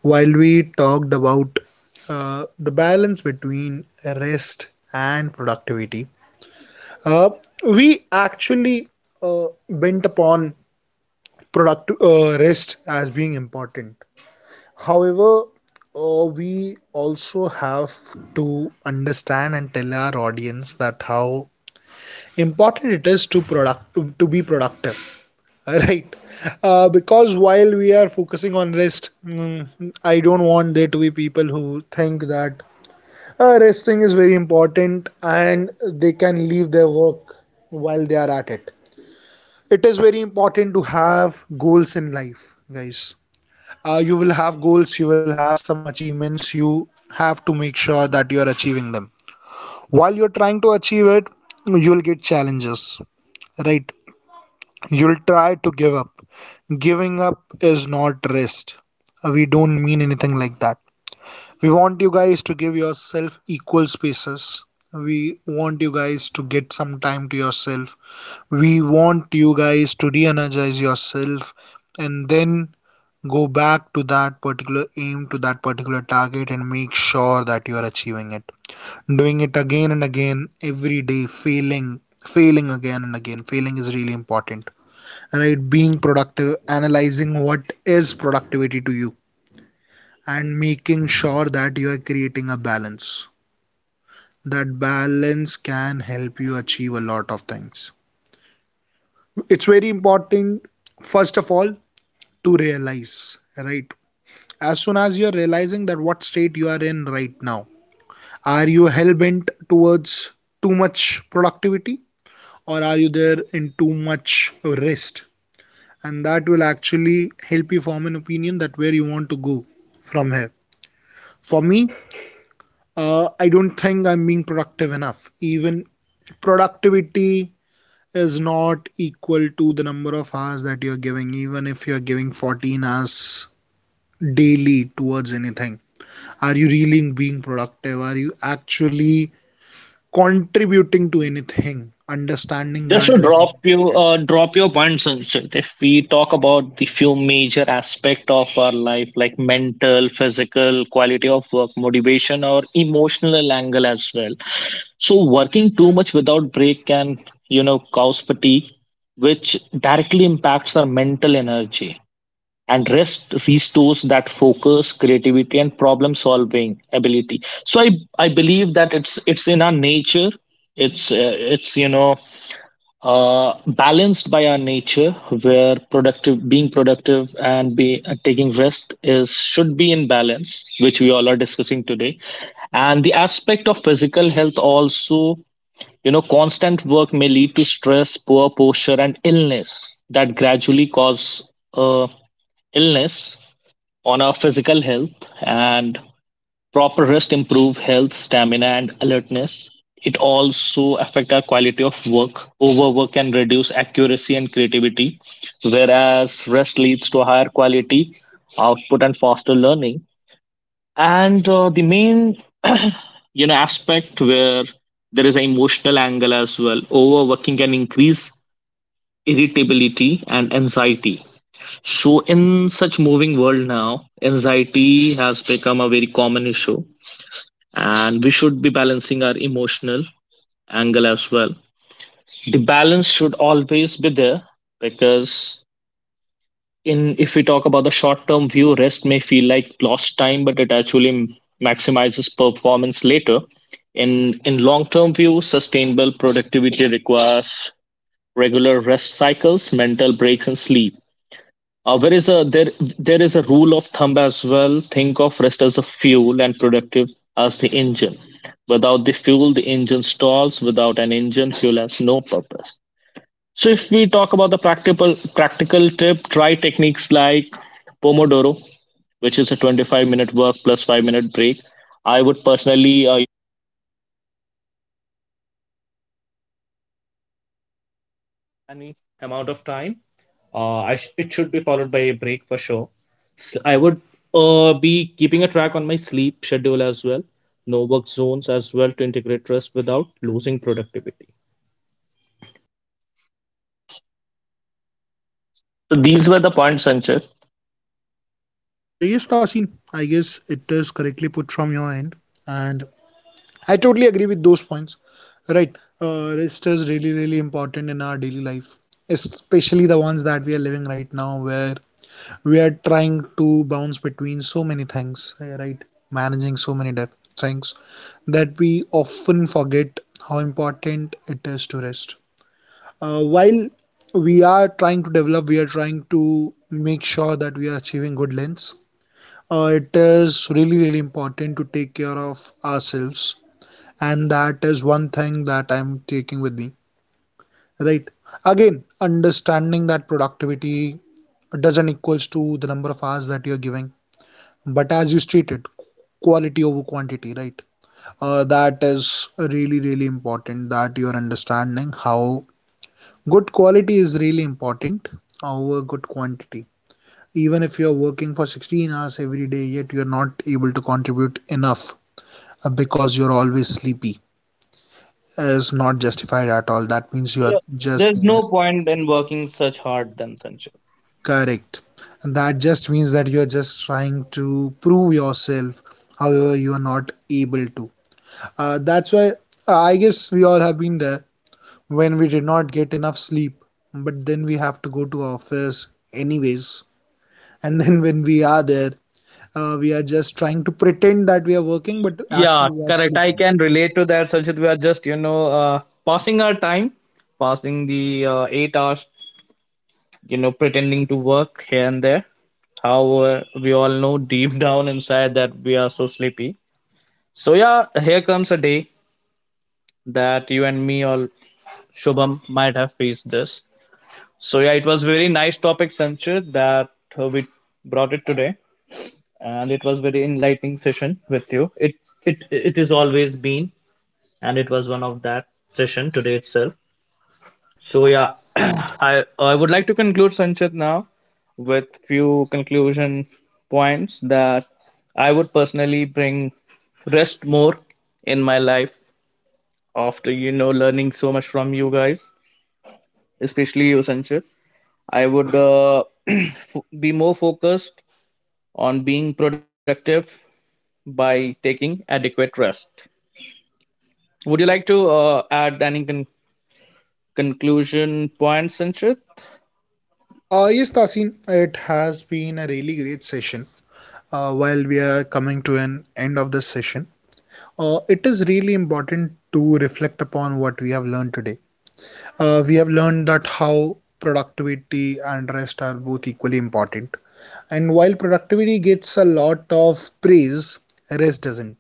Speaker 1: While we talked about the balance between rest and productivity, uh, we actually bent upon product rest as being important. However, we also have to understand and tell our audience that how important it is to product to be productive. Right. Because while we are focusing on rest, I don't want there to be people who think that resting is very important and they can leave their work while they are at it. It is very important to have goals in life, guys. You will have goals, you will have some achievements, you have to make sure that you are achieving them. While you're trying to achieve it, you'll get challenges, right? You'll try to give up. Giving up is not rest. We don't mean anything like that. We want you guys to give yourself equal spaces. We want you guys to get some time to yourself. We want you guys to re energize yourself and then go back to that particular aim, to that particular target, and make sure that you are achieving it. Doing it again and again every day, failing, failing again and again. Failing is really important, right? Being productive, analyzing what is productivity to you, and making sure that you are creating a balance. That balance can help you achieve a lot of things. It's very important, first of all, to realize, right? As soon as you're realizing that what state you are in right now, are you hell bent towards too much productivity, or are you there in too much rest? And that will actually help you form an opinion that where you want to go from here. For me, I don't think I'm being productive enough. Even productivity is not equal to the number of hours that you're giving. Even if you're giving 14 hours daily towards anything, are you really being productive? Are you actually contributing to anything? Understanding
Speaker 2: Just
Speaker 1: that
Speaker 2: to
Speaker 1: is really
Speaker 2: drop you,
Speaker 1: important.
Speaker 2: drop your points, Sanchit. If we talk about the few major aspect of our life, like mental, physical, quality of work, motivation, or emotional angle as well. So working too much without break can, cause fatigue, which directly impacts our mental energy. And rest restores that focus, creativity, and problem solving ability. So I believe that it's in our nature. It's balanced by our nature, where productive being productive and be taking rest is should be in balance, which we all are discussing today. And the aspect of physical health also, you know, constant work may lead to stress, poor posture, and illness that gradually cause illness on our physical health. And proper rest improve health, stamina, and alertness. It also affect our quality of work. Overwork can reduce accuracy and creativity, whereas rest leads to higher quality output and faster learning. And the main, you know, aspect where there is an emotional angle as well. Overworking can increase irritability and anxiety. So, in such moving world now, anxiety has become a very common issue, and we should be balancing our emotional angle as well. The balance should always be there, because in if we talk about the short term view, rest may feel like lost time, but it actually maximizes performance later. In long term view, sustainable productivity requires regular rest cycles, mental breaks, and sleep. Uh, there is a there there is a rule of thumb as well. Think of rest as a fuel and productive as the engine. Without the fuel, the engine stalls. Without an engine, fuel has no purpose. So if we talk about the practical tip, try techniques like Pomodoro, which is a 25-minute work plus 5 minute break. I would personally any amount of time. It should be followed by a break for sure. S I would be keeping a track on my sleep schedule as well, no work zones as well, to integrate rest without losing productivity. So these were the points, Sanchit.
Speaker 1: Yes, Tasin, I guess it is correctly put from your end, and I totally agree with those points. Right. Rest is really, really important in our daily life, especially the ones that we are living right now, where we are trying to bounce between so many things, right? Managing so many things that we often forget how important it is to rest. While we are trying to develop, we are trying to make sure that we are achieving good lengths. It is really, really important to take care of ourselves, and that is one thing that I'm taking with me. Right? Again, understanding that productivity doesn't equals to the number of hours that you're giving, but as you stated, quality over quantity, right? That is really, really important, that you're understanding how good quality is really important over good quantity. Even if you're working for 16 hours every day, yet you're not able to contribute enough, because you're always sleepy, is not justified at all. That means you are
Speaker 2: Yeah,
Speaker 1: just
Speaker 2: there's
Speaker 1: there.
Speaker 2: no point in working such hard then, Sanjay.
Speaker 1: Correct. And that just means that you are just trying to prove yourself, however you are not able to. That's why, I guess we all have been there when we did not get enough sleep, but then we have to go to office anyways, and then when we are there, we are just trying to pretend that we are working, but
Speaker 2: Yeah,
Speaker 1: actually we are
Speaker 2: correct. I
Speaker 1: sleeping.
Speaker 2: can relate to that, Sanchit. We are just, you know, passing our time, passing the 8 hours, you know, pretending to work here and there. However, we all know deep down inside that we are so sleepy. So, yeah, here comes a day that you and me or Shubham might have faced this. So, yeah, it was very nice topic, Sanchit, that we brought it today. And it was very enlightening session with you. It is always been, and it was one of that session today itself. So yeah, I would like to conclude, Sanchit, now with few conclusion points that I would personally bring rest more in my life after, you know, learning so much from you guys, especially you, Sanchit. I would be more focused on being productive by taking adequate rest. Would you like to add any conclusion points, Sanchit?
Speaker 1: Yes, Tasin, it has been a really great session. Uh, while we are coming to an end of this session. It is really important to reflect upon what we have learned today. We have learned that how productivity and rest are both equally important. And while productivity gets a lot of praise, rest doesn't.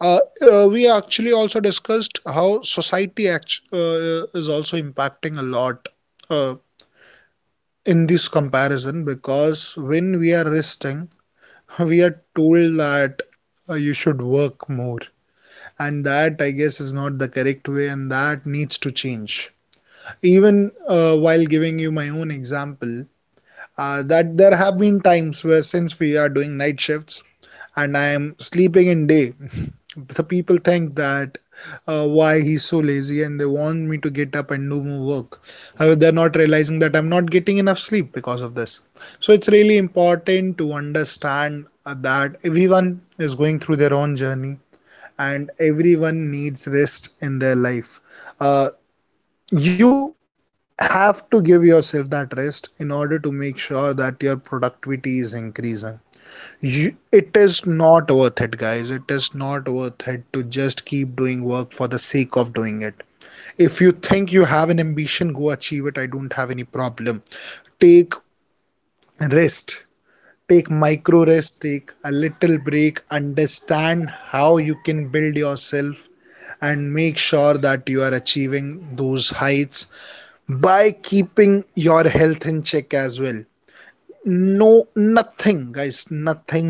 Speaker 1: We actually also discussed how society is also impacting a lot uh, in this comparison, because when we are resting we are told that you should work more, and that I guess is not the correct way, and that needs to change. Even, while giving you my own example, that there have been times where since we are doing night shifts and I am sleeping in day, the people think that why he's so lazy and they want me to get up and do more work. However, they're not realizing that I'm not getting enough sleep because of this. So it's really important to understand that everyone is going through their own journey, and everyone needs rest in their life. Uh, you have to give yourself that rest in order to make sure that your productivity is increasing. You, it is not worth it, guys, it is not worth it to just keep doing work for the sake of doing it. If you think you have an ambition, go achieve it, I don't have any problem. Take rest, take micro rest, take a little break, understand how you can build yourself, and make sure that you are achieving those heights by keeping your health in check as well. No, nothing, guys,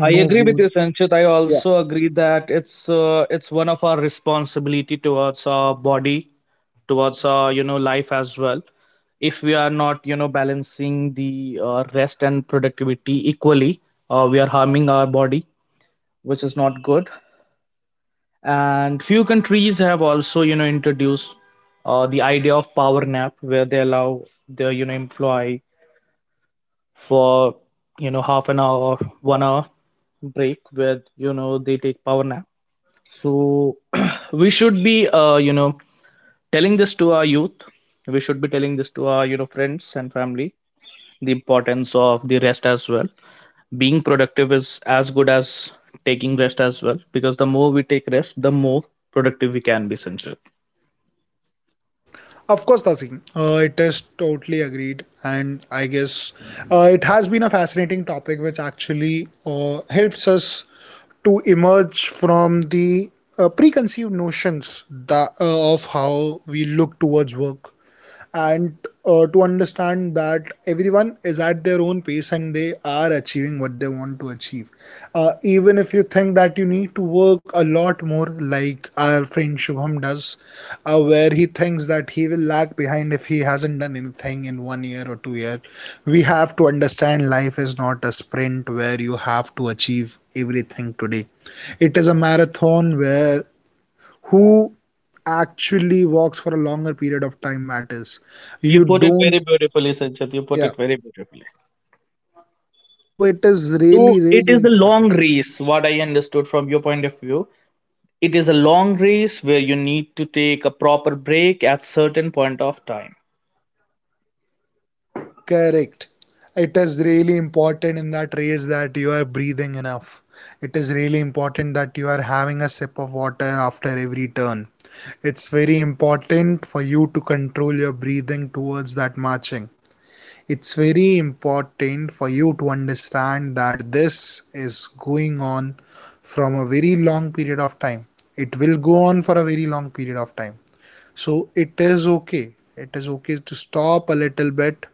Speaker 2: I
Speaker 1: no
Speaker 2: agree with
Speaker 1: good.
Speaker 2: you, Sanchit. I
Speaker 1: Yeah,
Speaker 2: also agree that it's one of our responsibility towards our body, towards our, you know, life as well. If we are not, you know, balancing the rest and productivity equally, we are harming our body, which is not good. And few countries have also, you know, introduced the idea of power nap, where they allow their, you know, employees for, you know, half an hour or 1 hour break, where, you know, they take power nap. So we should be you know, telling this to our youth. We should be telling this to our, you know, friends and family the importance of the rest as well. Being productive is as good as taking rest as well, because the more we take rest, the more productive we can be, Sanjay.
Speaker 1: of course, Tasin. It is totally agreed, and I guess it has been a fascinating topic which actually helps us to emerge from the preconceived notions that, of how we look towards work and to understand that everyone is at their own pace and they are achieving what they want to achieve. Even if you think that you need to work a lot more, like our friend Shubham does, where he thinks that he will lag behind if he hasn't done anything in one year or 2 years, we have to understand life is not a sprint where you have to achieve everything today. It is a marathon where who actually works for a longer period of time matters.
Speaker 2: You
Speaker 1: You
Speaker 2: put it
Speaker 1: don't,
Speaker 2: very beautifully, Sanjay, you put
Speaker 1: yeah.
Speaker 2: it very beautifully.
Speaker 1: So it is
Speaker 2: So
Speaker 1: really,
Speaker 2: it
Speaker 1: really
Speaker 2: is a long
Speaker 1: important.
Speaker 2: race, what I understood from your point of view. It is a long race where you need to take a proper break at certain point of time.
Speaker 1: Correct. It is really important in that race that you are breathing enough. It is really important that you are having a sip of water after every turn. It's very important for you to control your breathing towards that marching. It's very important for you to understand that this is going on from a very long period of time. It will go on for a very long period of time. So it is okay, it is okay to stop a little bit.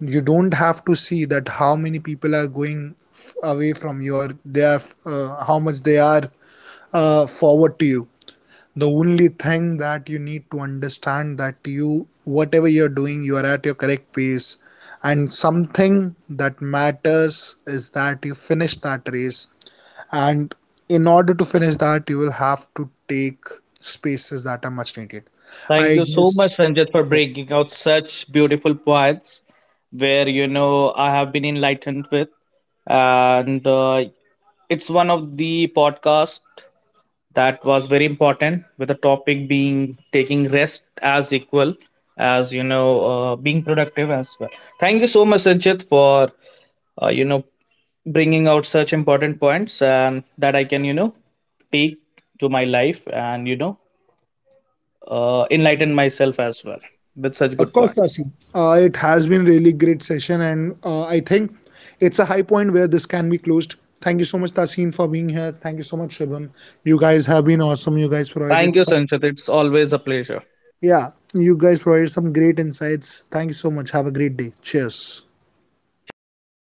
Speaker 1: You don't have to see that how many people are going away from you, or they are how much they are forward to you. The only thing that you need to understand that you, whatever you're doing, you are at your correct pace, and something that matters is that you finish that race. And in order to finish that, you will have to take spaces that are much needed. I
Speaker 2: Thank you so
Speaker 1: guess,
Speaker 2: much, Ranjit, for
Speaker 1: yeah,
Speaker 2: bringing out such beautiful points, where, you know, I have been enlightened with. And it's one of the podcast that was very important, with the topic being taking rest as equal as, you know, being productive as well. Thank you so much, Ranjit, for you know, bringing out such important points, and that I can, you know, take to my life and, you know, enlighten myself as well with such
Speaker 1: of
Speaker 2: good
Speaker 1: course,
Speaker 2: point.
Speaker 1: Tasin. Uh, it has been really great session, and I think it's a high point where this can be closed. Thank you so much, Tasin, for being here. Thank you so much, Shubham. You guys have been awesome. You guys
Speaker 2: Thank
Speaker 1: provided
Speaker 2: you,
Speaker 1: some.
Speaker 2: Sanchit. It's always a pleasure.
Speaker 1: Yeah, you guys provided some great insights. Thank you so much. Have a great day. Cheers.
Speaker 2: Cheers. Bye bye.